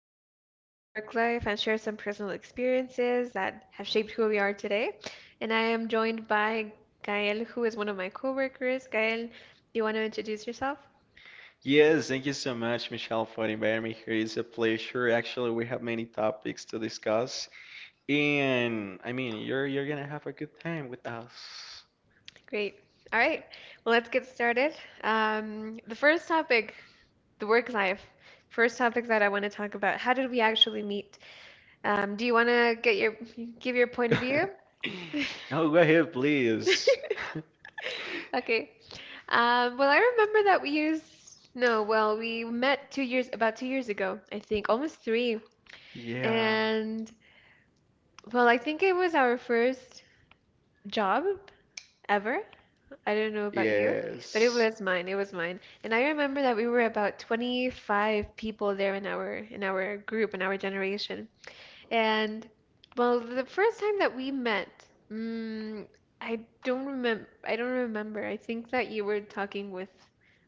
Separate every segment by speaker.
Speaker 1: going to talk about the work life and share some personal experiences that have shaped who we are today. And I am joined by Gael, who is one of my coworkers. Gael, do you want to introduce yourself?
Speaker 2: Yes, thank you so much, Michelle, for inviting me here. It's a pleasure. Actually, we have many topics to discuss, and I mean, you're gonna have a good time with us.
Speaker 1: Great. All right. Well, let's get started. The first topic, the work life. First topic that I want to talk about. How did we actually meet? Do you want to get your give your point of view?
Speaker 2: No, go ahead, please.
Speaker 1: Okay. Well, I remember that we used, no, well, we met about 2 years ago, I think, almost three.
Speaker 2: Yeah.
Speaker 1: And, well, I think it was our first job ever. I don't know about you, but it
Speaker 2: Yes.
Speaker 1: was mine. It was mine. And I remember that we were about 25 people there in our group, in our generation. And, well, the first time that we met, mm, I don't remember. I don't remember. I think that you were talking with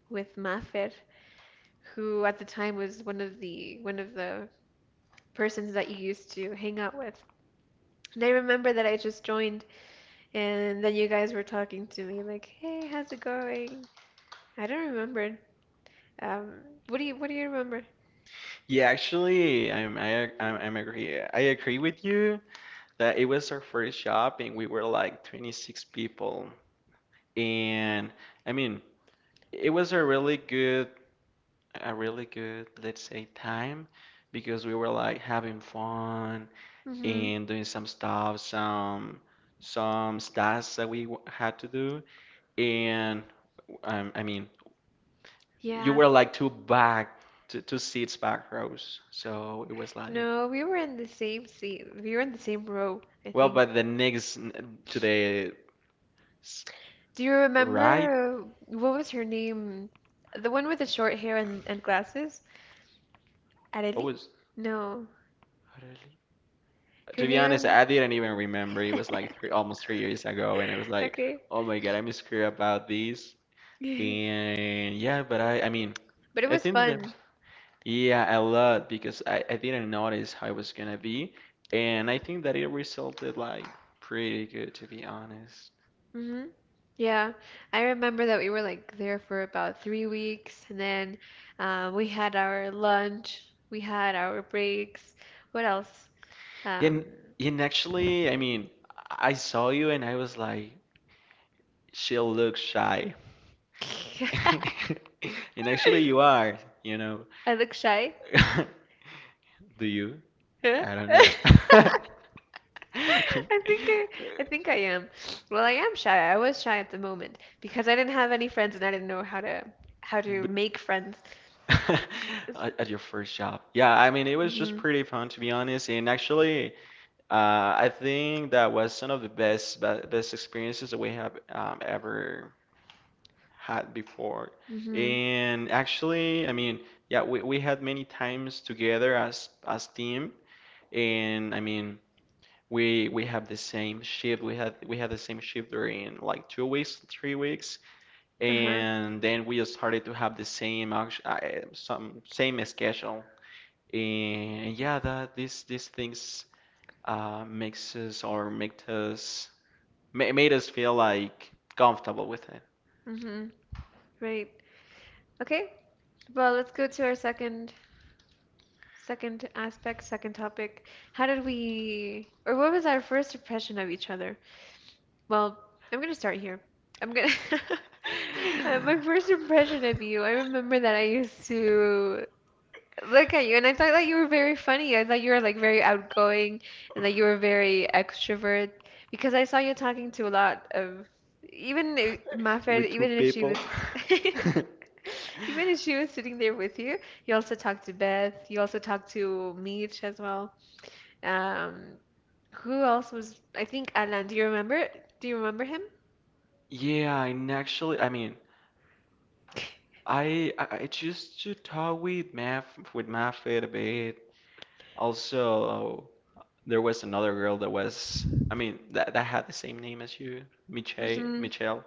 Speaker 1: with Mafer, who at the time was one of the persons that you used to hang out with. And I remember that I just joined, and then you guys were talking to me like, "Hey, how's it going?" I don't remember. Um, what do you remember?
Speaker 2: Yeah, actually, I'm I I'm agree. I agree with you that it was our first job and we were like 26 people. And I mean, it was a really good let's say, time because we were like having fun
Speaker 1: Mm-hmm.
Speaker 2: and doing some stuff, some stats that we had to do. And I mean, you
Speaker 1: Yeah.
Speaker 2: were like two, two seats back rows. So it was like,
Speaker 1: No, we were in the same seat. We were in the same row, I
Speaker 2: well,
Speaker 1: think.
Speaker 2: but the to the s-
Speaker 1: Do you
Speaker 2: right,
Speaker 1: remember, what was her name? The one with the short hair and glasses?
Speaker 2: what
Speaker 1: Arely?
Speaker 2: was
Speaker 1: No.
Speaker 2: really?
Speaker 1: Her
Speaker 2: To be honest,
Speaker 1: name.
Speaker 2: I didn't even remember. It was like almost 3 years ago, and I was like,
Speaker 1: Okay.
Speaker 2: oh my God, I'm scared about this. And yeah, but I mean,
Speaker 1: But it
Speaker 2: I
Speaker 1: was
Speaker 2: think that,
Speaker 1: fun.
Speaker 2: that- yeah, a lot because I didn't notice how it was gonna be, and I think that it resulted like pretty good to be honest.
Speaker 1: Hmm. Yeah. I remember that we were like there for about 3 weeks, and then, we had our lunch, we had our breaks. What else?
Speaker 2: And
Speaker 1: Um,
Speaker 2: and actually, I mean, I saw you and I was like, she looks shy, and actually you are, you know.
Speaker 1: I look shy.
Speaker 2: Do you?
Speaker 1: Huh?
Speaker 2: I don't know.
Speaker 1: I think I, I think I am. Well, I am shy. I was shy at the moment because I didn't have any friends and I didn't know how to
Speaker 2: But
Speaker 1: make friends.
Speaker 2: at your first job. Yeah, I mean, it was just
Speaker 1: Mm-hmm.
Speaker 2: pretty fun to be honest. And actually, I think that was one of the best experiences that we have ever had before.
Speaker 1: Mm-hmm.
Speaker 2: And actually, I mean, yeah, we had many times together as team. And I mean, we have the same shift. We had the same shift during like 2 weeks, 3 weeks,
Speaker 1: Uh-huh.
Speaker 2: and then we started to have the some same schedule, and yeah, that these things makes us or make us ma made us feel like comfortable with it.
Speaker 1: Mm-hmm. Right. Okay. Well, let's go to our second aspect, second topic. How did we, or what was our first impression of each other? Well, I'm gonna start here. I'm gonna My first impression of you, I remember that I used to look at you. And I thought that you were very funny. I thought you were like very outgoing and that you were very extrovert because I saw you talking to a lot of,
Speaker 2: With two
Speaker 1: Even if she
Speaker 2: people.
Speaker 1: was even if she was sitting there with you, you also talked to Beth, you also talked to Mitch as well. Um, who else was, I think, Alan, do you remember? Do you remember him?
Speaker 2: Yeah, and actually, I mean, I used to talk with Math with Mafia a bit. Also, there was another girl that was, I mean, that that had the same name as you, Michelle.
Speaker 1: Mm-hmm.
Speaker 2: Michelle.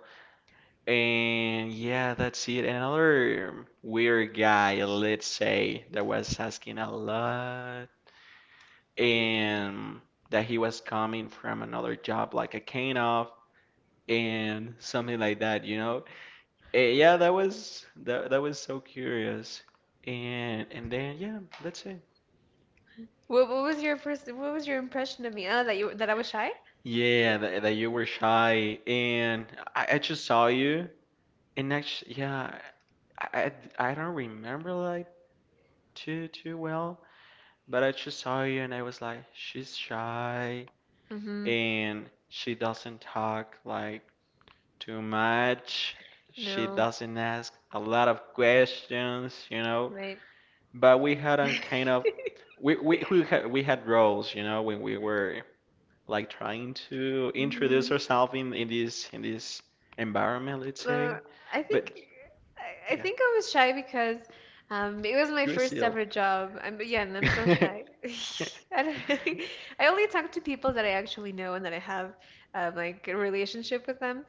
Speaker 2: And yeah, that's it. And another weird guy, let's say, that was asking a lot, and that he was coming from another job, like a kind of, and something like that, you know? Yeah, that that was so curious. And then yeah, that's it.
Speaker 1: What was your impression of me? Oh, that I was shy?
Speaker 2: Yeah, that you were shy, and I just saw you, and actually, yeah, I, I don't remember like too well. But I just saw you and I was like, she's shy
Speaker 1: Mm-hmm.
Speaker 2: and she doesn't talk like too much. She
Speaker 1: No,
Speaker 2: doesn't ask a lot of questions, you know.
Speaker 1: right.
Speaker 2: But we had a kind of we had roles, you know, when we were like trying to introduce
Speaker 1: Hmm.
Speaker 2: ourselves in this environment, let's
Speaker 1: Well,
Speaker 2: say.
Speaker 1: I think
Speaker 2: But
Speaker 1: I
Speaker 2: yeah,
Speaker 1: think I was shy because, it was my
Speaker 2: you're
Speaker 1: first
Speaker 2: still.
Speaker 1: ever job. Yeah, and I'm still shy. I don't really, I only talk to people that I actually know and that I have, like a relationship with them.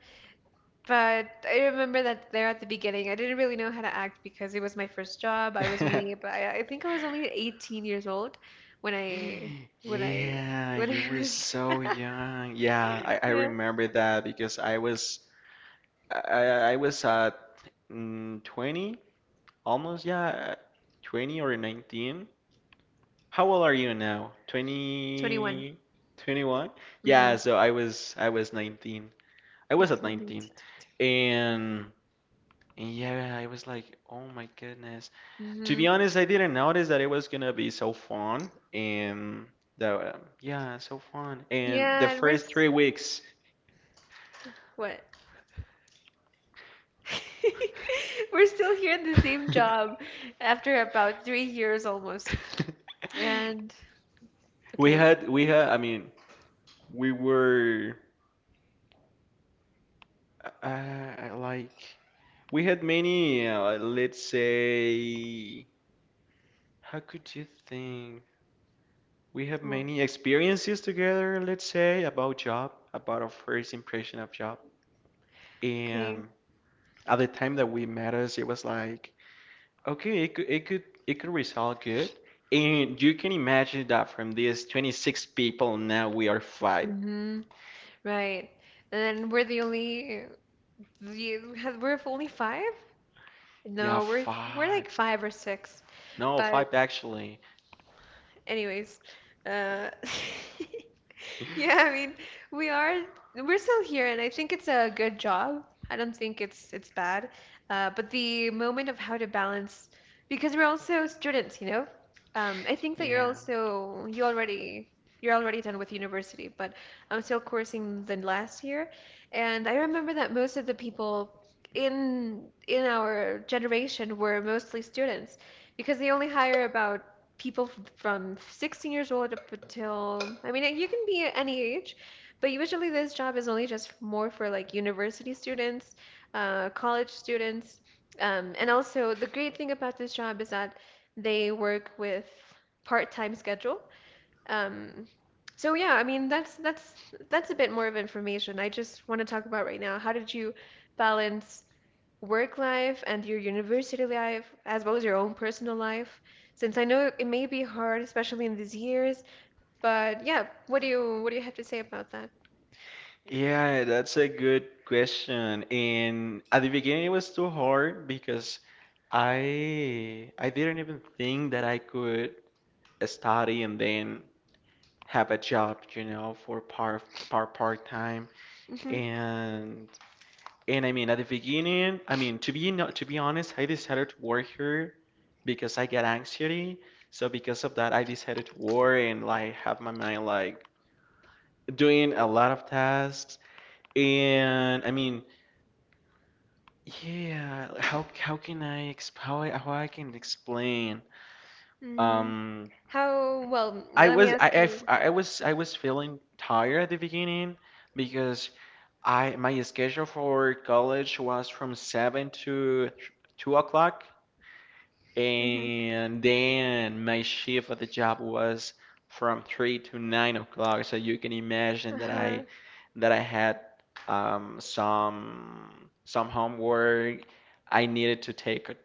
Speaker 1: But I remember that there at the beginning, I didn't really know how to act because it was my first job. I think I was only 18 years old. When I when I
Speaker 2: Yeah,
Speaker 1: when
Speaker 2: you
Speaker 1: I
Speaker 2: were
Speaker 1: was
Speaker 2: so young. Yeah, I
Speaker 1: Yeah,
Speaker 2: remember that because I, I I was at 20, almost, yeah, 20 or 19. How old are you now?
Speaker 1: 21.
Speaker 2: 20 21.
Speaker 1: Mm-hmm. 18,
Speaker 2: Yeah,
Speaker 1: 19,
Speaker 2: so I was 19. I was at
Speaker 1: 20.
Speaker 2: 19. And, and yeah, I was like, "Oh my goodness." To
Speaker 1: Hmm.
Speaker 2: be honest, I didn't notice that it was gonna be so fun, and that yeah, so fun. And the
Speaker 1: Yeah, and
Speaker 2: first 3 weeks,
Speaker 1: what? We're still here in the same job after about 3 years almost. And
Speaker 2: we
Speaker 1: okay,
Speaker 2: had we had. I mean, we were uh, like we had many. Let's say, how could you think? We have
Speaker 1: well,
Speaker 2: many experiences together. Let's say about job, about our first impression of job,
Speaker 1: okay,
Speaker 2: and at the time that we met us, it was like. Okay, it could result good. And you can imagine that from these 26 people now we are five.
Speaker 1: mm-hmm, right. And then we're the only, we're only five?
Speaker 2: Yeah,
Speaker 1: No, we're
Speaker 2: five.
Speaker 1: like five or six.
Speaker 2: No,
Speaker 1: But
Speaker 2: five actually.
Speaker 1: anyways, uh, Yeah, I mean, we are we're still here, and I think it's a good job. I don't think it's bad. But the moment of how to balance, because we're also students, you know. I think that
Speaker 2: Yeah.
Speaker 1: you're already done with university, but I'm still coursing the last year, and I remember that most of the people in our generation were mostly students because they only hire about people from 16 years old up until, I mean, you can be any age, but usually this job is only just more for like university students, college students. And also, the great thing about this job is that they work with part-time schedule. Um, so yeah, I mean, that's a bit more of information. I just want to talk about right now. How did you balance work life and your university life, as well as your own personal life? Since I know it may be hard, especially in these years, but yeah, what do you have to say about that?
Speaker 2: Yeah, that's a good question. And at the beginning it was too hard because I didn't even think that I could study and then have a job, you know, for part time.
Speaker 1: hmm
Speaker 2: And And I mean, at the beginning, I mean, to be no, to be honest, I decided to work here because I get anxiety. So because of that, I decided to work and like have my mind like doing a lot of tasks. And I mean, yeah, how can I exp how how I can explain?
Speaker 1: mm
Speaker 2: Um,
Speaker 1: How, well, let me ask you.
Speaker 2: I was feeling tired at the beginning because I my schedule for college was from 7 to 2 o'clock,
Speaker 1: Hmm.
Speaker 2: and then my shift at the job was from 3 to 9 o'clock. So you can imagine
Speaker 1: Uh-huh.
Speaker 2: that I had some homework. I needed to take a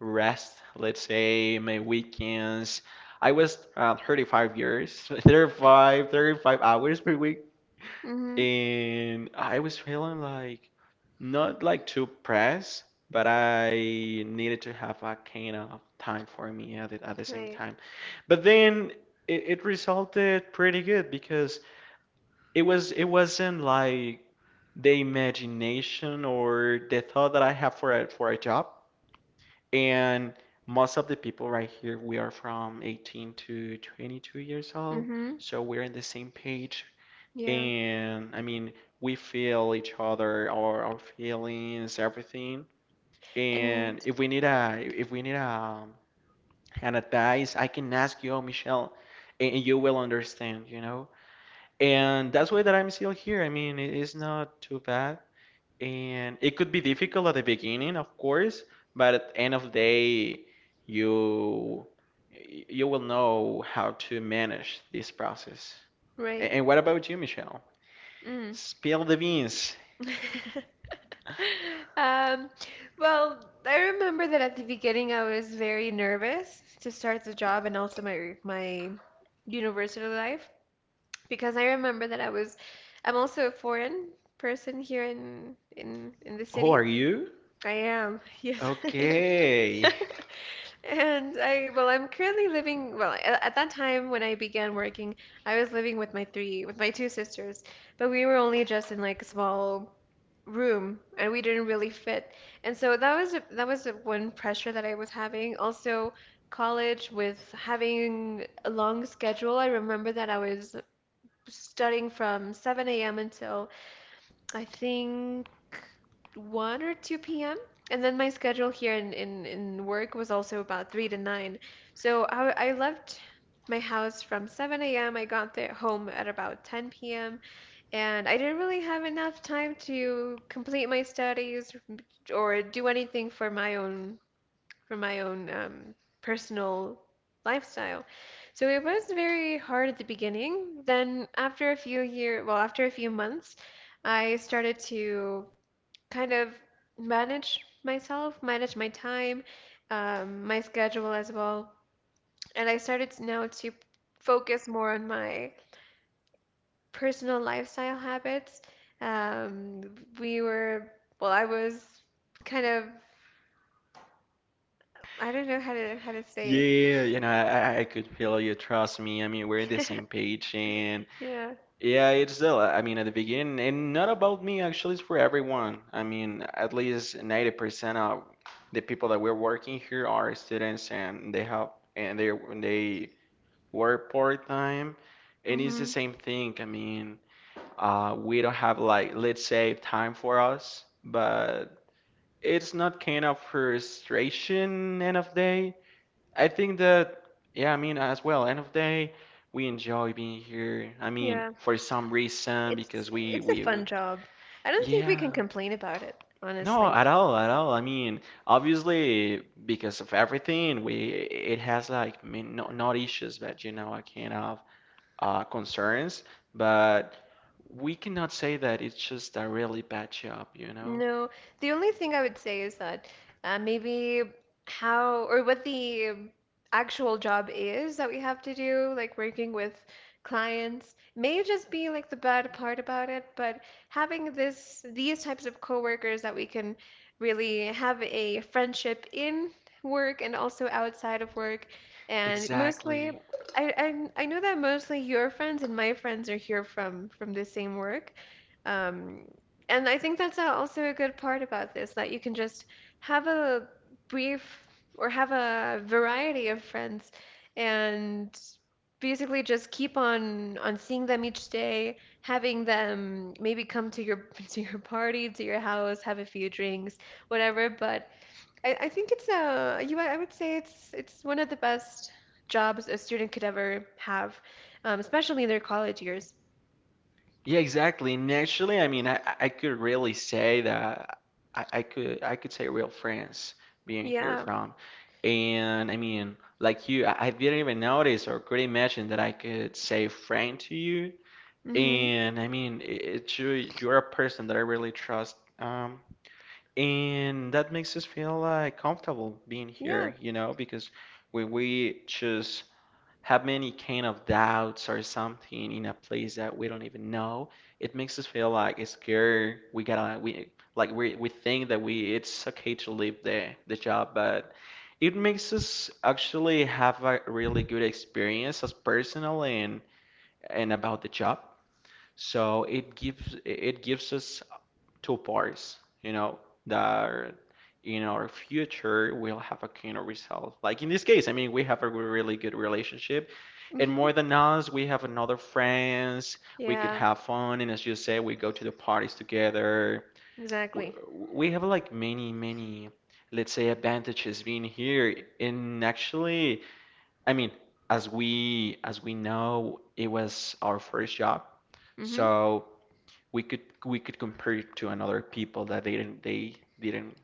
Speaker 2: rest, let's say, my weekends. I was 35 years, 35 hours per week,
Speaker 1: Hmm.
Speaker 2: and I was feeling like not like too pressed, but I needed to have a kind of time for me at at the same
Speaker 1: Right.
Speaker 2: time. But then it resulted pretty good because it wasn't like the imagination or the thought that I have for a job. And most of the people right here, we are from 18 to 22 years old,
Speaker 1: hmm
Speaker 2: so we're on the same page,
Speaker 1: Yeah.
Speaker 2: and I mean, we feel each other, our feelings, everything.
Speaker 1: And
Speaker 2: And if we need a an advice, I can ask you, "Oh, Michelle, and you will understand," you know. And that's why that I'm still here. I mean, it is not too bad, and it could be difficult at the beginning, of course, but at the end of the day, you you will know how to manage this process. A-
Speaker 1: right.
Speaker 2: And what about you, Michelle?
Speaker 1: Mm.
Speaker 2: Spill the beans.
Speaker 1: Um, I remember that at the beginning I was very nervous to start the job and also my university life because I remember that I'm also a foreign person here in the
Speaker 2: Oh,
Speaker 1: city.
Speaker 2: are you?
Speaker 1: I am. Yes, I
Speaker 2: Okay.
Speaker 1: am. Well, at that time when I began working, I was living with with my two sisters, but we were only just in like a small room and we didn't really fit. And so that was a one pressure that I was having. Also, college with having a long schedule. I remember that I was studying from 7 a.m. until, I think, 1 or 2 p.m. And then my schedule here in work was also about 3 to 9. So I left my house from 7 a.m. I got there home at about 10 p.m., and I didn't really have enough time to complete my studies or do anything for my own for my own, personal lifestyle. So it was very hard at the beginning. Then after a few months, I started to kind of manage myself, manage my time, my schedule as well, and I started now to focus more on my personal lifestyle habits. Um, we were, I was kind of, I don't know how to say
Speaker 2: Yeah, you know, I could feel you. Trust me. I mean, we're the
Speaker 1: it.
Speaker 2: same page, and
Speaker 1: Yeah.
Speaker 2: yeah, it's still, I mean, at the beginning, and not about me, actually, it's for everyone. I mean, at least 90% of the people that we're working here are students, and they have, and they work part-time, and it's the
Speaker 1: Hmm.
Speaker 2: same thing. I mean, we don't have like, let's say, time for us, but. It's not kind of frustration end of day. I think that yeah, I mean, as well end of day we enjoy being here. I mean
Speaker 1: Yeah.
Speaker 2: for some reason because
Speaker 1: It's it's a
Speaker 2: we
Speaker 1: fun job. I don't think we
Speaker 2: yeah.
Speaker 1: can complain about it,
Speaker 2: No,
Speaker 1: honestly.
Speaker 2: at all, at all. I mean, obviously, because of everything, we it has like, I mean, not issues, but you know, I kind of concerns. But we cannot say that it's just a really bad job, you know?
Speaker 1: No, the only thing I would say is that, maybe how or what the, actual job is that we have to do, like working with clients, may just be like the bad part about it, but having this these types of coworkers that we can really have a friendship in work and also outside of work, and mostly,
Speaker 2: Exactly.
Speaker 1: I I know that mostly your friends and my friends are here from the same work. Um, and I think that's, also a good part about this, that you can just have a brief or have a variety of friends and basically just keep on seeing them each day, having them maybe come to your to your party, to your house, have a few drinks, whatever. But I think it's a you I would say it's one of the best jobs a student could ever have, especially in their college years.
Speaker 2: Yeah, exactly. And actually, I mean, I could really say that I could say real friends being here
Speaker 1: Yeah.
Speaker 2: from. And I mean, like you, I didn't even notice or could imagine that I could say friend to you.
Speaker 1: Hmm.
Speaker 2: And I mean, it's you're a person that I really trust. And that makes us feel like comfortable being
Speaker 1: Yeah.
Speaker 2: here, you know, because when we choose have many kind of doubts or something in a place that we don't even know, it makes us feel like it's scared. We gotta we Like we think that we it's okay to leave the job, but it makes us actually have a really good experience as personal and about the job. So it gives us two parts, you know, that in our future we'll have a kind of result. Like in this case, I mean, we have a really good relationship, and
Speaker 1: Hmm.
Speaker 2: more than us, we have another friends. We could
Speaker 1: Yeah.
Speaker 2: have fun, and as you say, we go to the parties together. We,
Speaker 1: Exactly.
Speaker 2: we have like many, let's say, advantages being here. And actually, I mean, as we know, it was our first job,
Speaker 1: Hmm.
Speaker 2: so we could compare it to another people that they didn't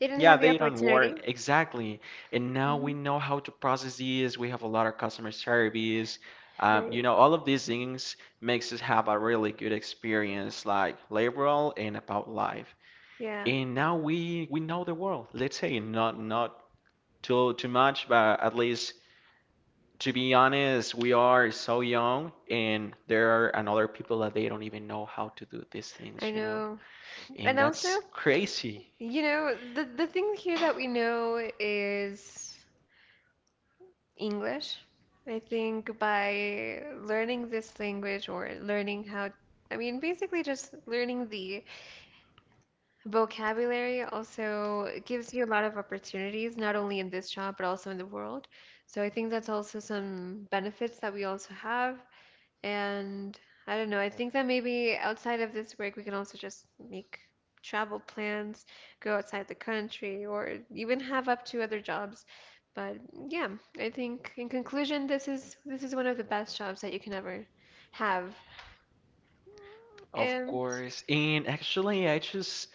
Speaker 1: They didn't
Speaker 2: yeah,
Speaker 1: have the
Speaker 2: they don't work
Speaker 1: opportunity.
Speaker 2: exactly, and now
Speaker 1: Hmm.
Speaker 2: we know how to process these. We have a lot of customer service, you
Speaker 1: Right.
Speaker 2: know, all of these things makes us have a really good experience like laboral and about life,
Speaker 1: Yeah,
Speaker 2: and now we know the world, let's say, not too much, but at least to be honest, we are so young and there are another people that they don't even know how to do these
Speaker 1: I
Speaker 2: things, you know,
Speaker 1: know. And
Speaker 2: and that's
Speaker 1: also,
Speaker 2: crazy,
Speaker 1: you know, the thing here that we know is English. I think by learning this language or learning how, I mean, basically just learning the vocabulary also gives you a lot of opportunities, not only in this job, but also in the world. So I think that's also some benefits that we also have And I don't know, I think that maybe outside of this work, we can also just make travel plans, go outside the country, or even have up to other jobs. But yeah, I think in conclusion, this is one of the best jobs that you can ever have.
Speaker 2: of
Speaker 1: And
Speaker 2: course. And actually, I just,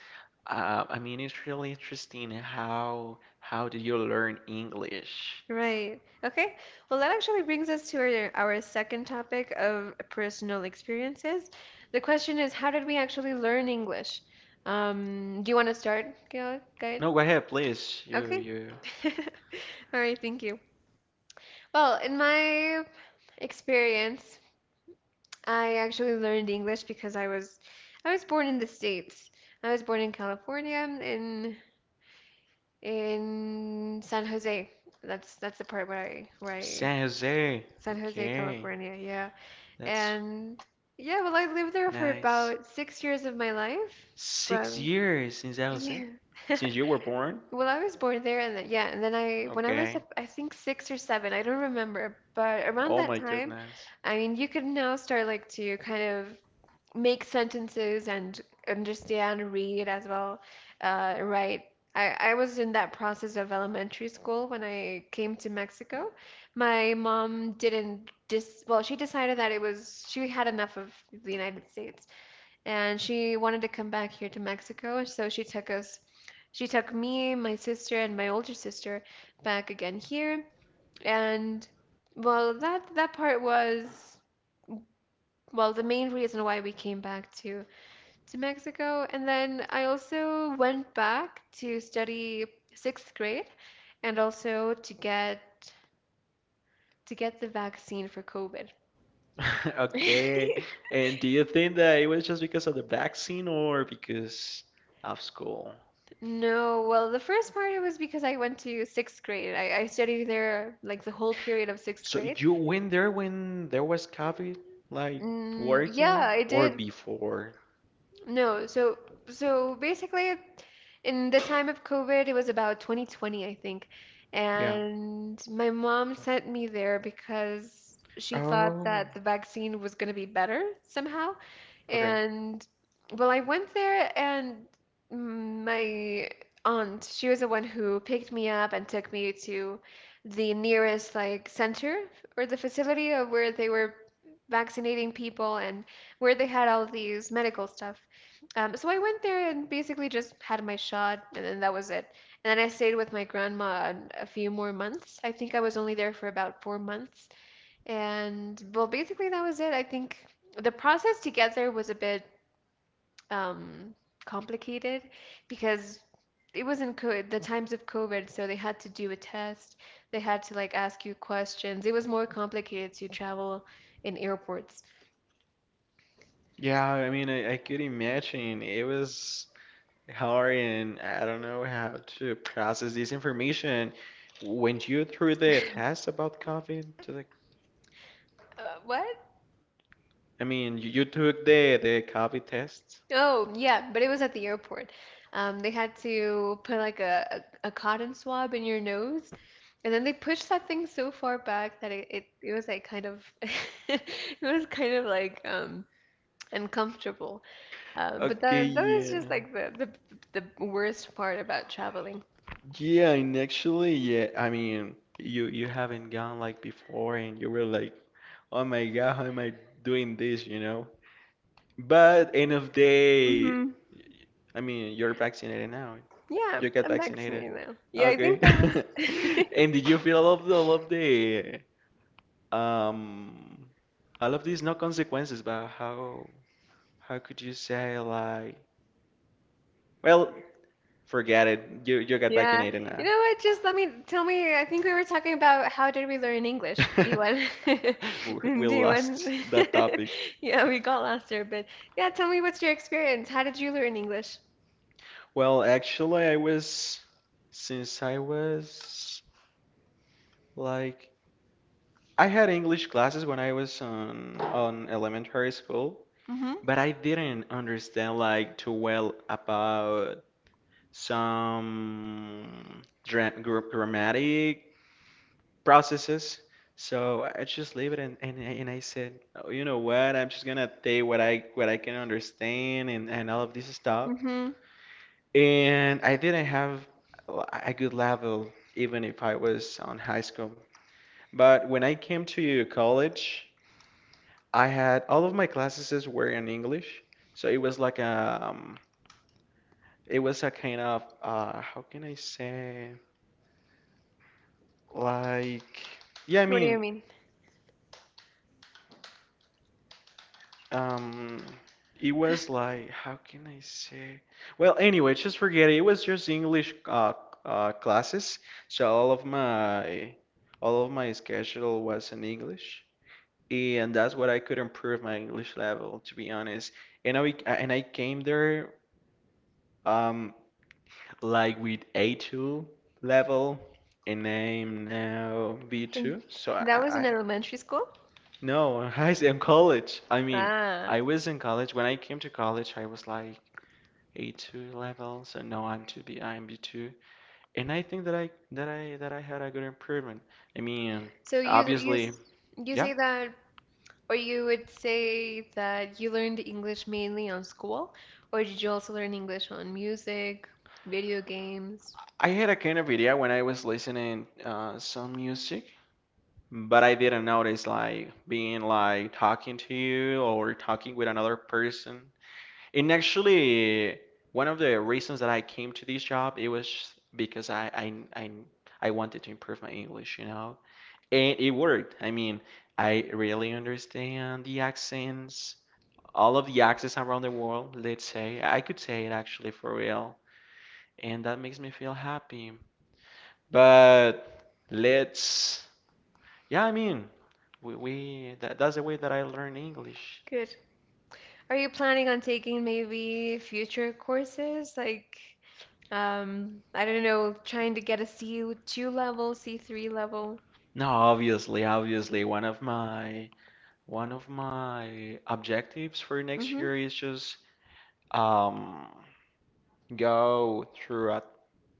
Speaker 2: I mean, it's really interesting how did you learn English?
Speaker 1: Right. Okay. Well, that actually brings us to our second topic of personal experiences. The question is, how did we actually learn English? Do you want to start, Gael? Gail?
Speaker 2: No, go ahead, please.
Speaker 1: Okay.
Speaker 2: You
Speaker 1: All right, thank you. Well, in my experience, I actually learned English because I was born in the States. I was born in California, in San Jose. That's the part where I
Speaker 2: San Jose.
Speaker 1: San Jose,
Speaker 2: Okay,
Speaker 1: California, yeah.
Speaker 2: that's
Speaker 1: And yeah, well, I lived there for
Speaker 2: nice.
Speaker 1: about 6 years of my life
Speaker 2: Six
Speaker 1: from,
Speaker 2: years in San Jose
Speaker 1: yeah.
Speaker 2: since you were born.
Speaker 1: Well, I was born there, and then, yeah, and then when I was,
Speaker 2: Okay.
Speaker 1: I think 6 or 7, I don't remember, but around
Speaker 2: Oh
Speaker 1: that
Speaker 2: my
Speaker 1: time,
Speaker 2: goodness.
Speaker 1: I mean, you could now start like to kind of make sentences and understand, read as well, write. I was in that process of elementary school when I came to Mexico. My mom didn't well, she decided that it was— she had enough of the United States, and she wanted to come back here to Mexico, so she took me, my sister, and my older sister back again here. And well, that part was, well, the main reason why we came back to Mexico. And then I also went back to study sixth grade, and also to get the vaccine for COVID.
Speaker 2: Okay. And do you think that it was just because of the vaccine or because of school?
Speaker 1: No, well, the first part it was because I went to sixth grade. I studied there like the whole period of sixth
Speaker 2: So
Speaker 1: grade.
Speaker 2: you went there when there was COVID, like
Speaker 1: Mm,
Speaker 2: working
Speaker 1: yeah,
Speaker 2: it,
Speaker 1: I
Speaker 2: or
Speaker 1: did.
Speaker 2: before?
Speaker 1: No, so basically in the time of COVID, it was about 2020, I think.
Speaker 2: Yeah.
Speaker 1: And my mom sent me there because she thought
Speaker 2: Oh,
Speaker 1: that the vaccine was going to be better somehow.
Speaker 2: okay.
Speaker 1: And well, I went there and my aunt, she was the one who picked me up and took me to the nearest like center, or the facility of where they were vaccinating people and where they had all these medical stuff. So I went there and basically just had my shot, and then that was it. And then I stayed with my grandma a few more months. I think I was only there for about 4 months. And well, basically that was it. I think the process to get there was a bit, um, complicated, because it was in co the times of COVID, so they had to do a test. They had to like ask you questions. It was more complicated to travel in airports.
Speaker 2: Yeah, I mean, I could imagine it was hard, and I don't know how to process this information. When you through the test about COVID to the,
Speaker 1: What?
Speaker 2: I mean, you took the COVID test?
Speaker 1: Oh, yeah, but it was at the airport. They had to put like a cotton swab in your nose, and then they pushed that thing so far back that it was like kind of it was kind of like, uncomfortable. But
Speaker 2: Okay,
Speaker 1: that was
Speaker 2: yeah.
Speaker 1: just like the, the worst part about traveling.
Speaker 2: Yeah, and actually, yeah, I mean, you haven't gone like before, and you were like, oh my God, how am I doing this? But end of day,
Speaker 1: Hmm.
Speaker 2: I mean, you're vaccinated now.
Speaker 1: Yeah,
Speaker 2: You get
Speaker 1: I'm
Speaker 2: vaccinated.
Speaker 1: vaccinated now. Yeah, I
Speaker 2: Okay.
Speaker 1: think that was—
Speaker 2: And did you feel all of the, all of the um all of these no consequences, but how could you say like, well, forget it. You got
Speaker 1: Yeah.
Speaker 2: vaccinated
Speaker 1: You
Speaker 2: now.
Speaker 1: know what? Just let me tell me. I think we were talking about how did we learn English. Do you want?
Speaker 2: We
Speaker 1: Do you want?
Speaker 2: lost that topic.
Speaker 1: Yeah, we got lost there, but yeah, tell me, what's your experience? How did you learn English?
Speaker 2: Well, actually, I was, since I was like, I had English classes when I was on elementary school,
Speaker 1: Hmm.
Speaker 2: but I didn't understand like too well about some grammatic processes. So I just leave it and I said, oh, you know what? I'm just gonna take what I can understand and all of this stuff.
Speaker 1: Mm-hmm.
Speaker 2: And I didn't have a good level even if I was on high school. But when I came to college, I had all of my classes were in English. So it was like it was a kind of how can I say like yeah, I
Speaker 1: What do you
Speaker 2: mean
Speaker 1: mean?
Speaker 2: Um, it was like, how can I say? Well, anyway, just forget it. It was just English classes, so all of my schedule was in English, and that's what I could improve my English level, to be honest. And I came there um like with A2 level, and I'm now
Speaker 1: And
Speaker 2: B2.
Speaker 1: that was in elementary school?
Speaker 2: No, I am college. I mean,
Speaker 1: Ah.
Speaker 2: I was in college. When I came to college, I was like A2 level, so now I'm to be I'm B2, and I think that I had a good improvement. I mean,
Speaker 1: So
Speaker 2: obviously,
Speaker 1: you
Speaker 2: yeah,
Speaker 1: say that, or you would say that, you learned English mainly on school, or did you also learn English on music, video games?
Speaker 2: I had a kind of idea when I was listening some music, but I didn't notice like being like talking to you or talking with another person. And actually, one of the reasons that I came to this job it was because I, I wanted to improve my English, you know. And it worked. I mean, I really understand the accents, all of the accents around the world, let's say. I could say it actually for real. And that makes me feel happy. But let's, yeah, I mean, we that's the way that I learn English.
Speaker 1: Good. Are you planning on taking maybe future courses? Like, I don't know, trying to get a C2 level, C3 level?
Speaker 2: No, obviously, one of my objectives for next
Speaker 1: Mm-hmm.
Speaker 2: year is just um go through a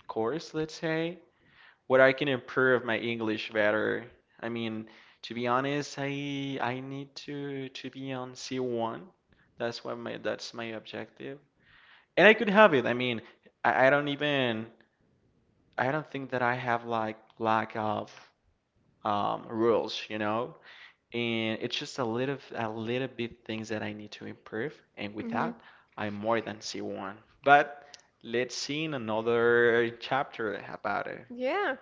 Speaker 2: course, let's say, what I can improve my English better. I mean, to be honest, I need to be on C1. That's what my that's my objective. And I could have it. I mean, I don't even I don't think that I have like lack of rules, you know? And it's just a little bit things that I need to improve. And with
Speaker 1: Mm-hmm.
Speaker 2: that, I'm more than C1. But let's see in another chapter about it.
Speaker 1: Yeah,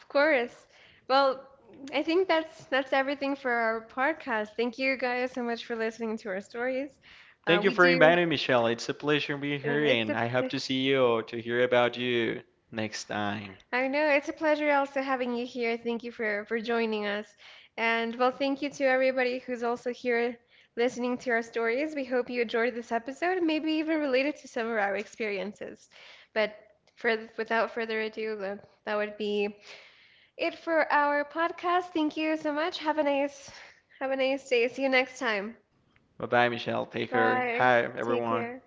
Speaker 1: of course. Well, I think that's everything for our podcast. Thank you guys so much for listening to our stories.
Speaker 2: Thank you
Speaker 1: We
Speaker 2: for
Speaker 1: do,
Speaker 2: inviting me, Michelle. It's a pleasure being here,
Speaker 1: and it's
Speaker 2: and
Speaker 1: a—
Speaker 2: I hope to see you or to hear about you next time.
Speaker 1: I know, it's a pleasure also having you here. Thank you for joining us. And well, thank you to everybody who's also here listening to our stories. We hope you enjoyed this episode and maybe even related to some of our experiences. But without further ado, that would be it for our podcast. Thank you so much. Have a nice day. See you next time.
Speaker 2: Bye bye, Michelle. Take care.
Speaker 1: Bye.
Speaker 2: Hi,
Speaker 1: Take
Speaker 2: everyone.
Speaker 1: care.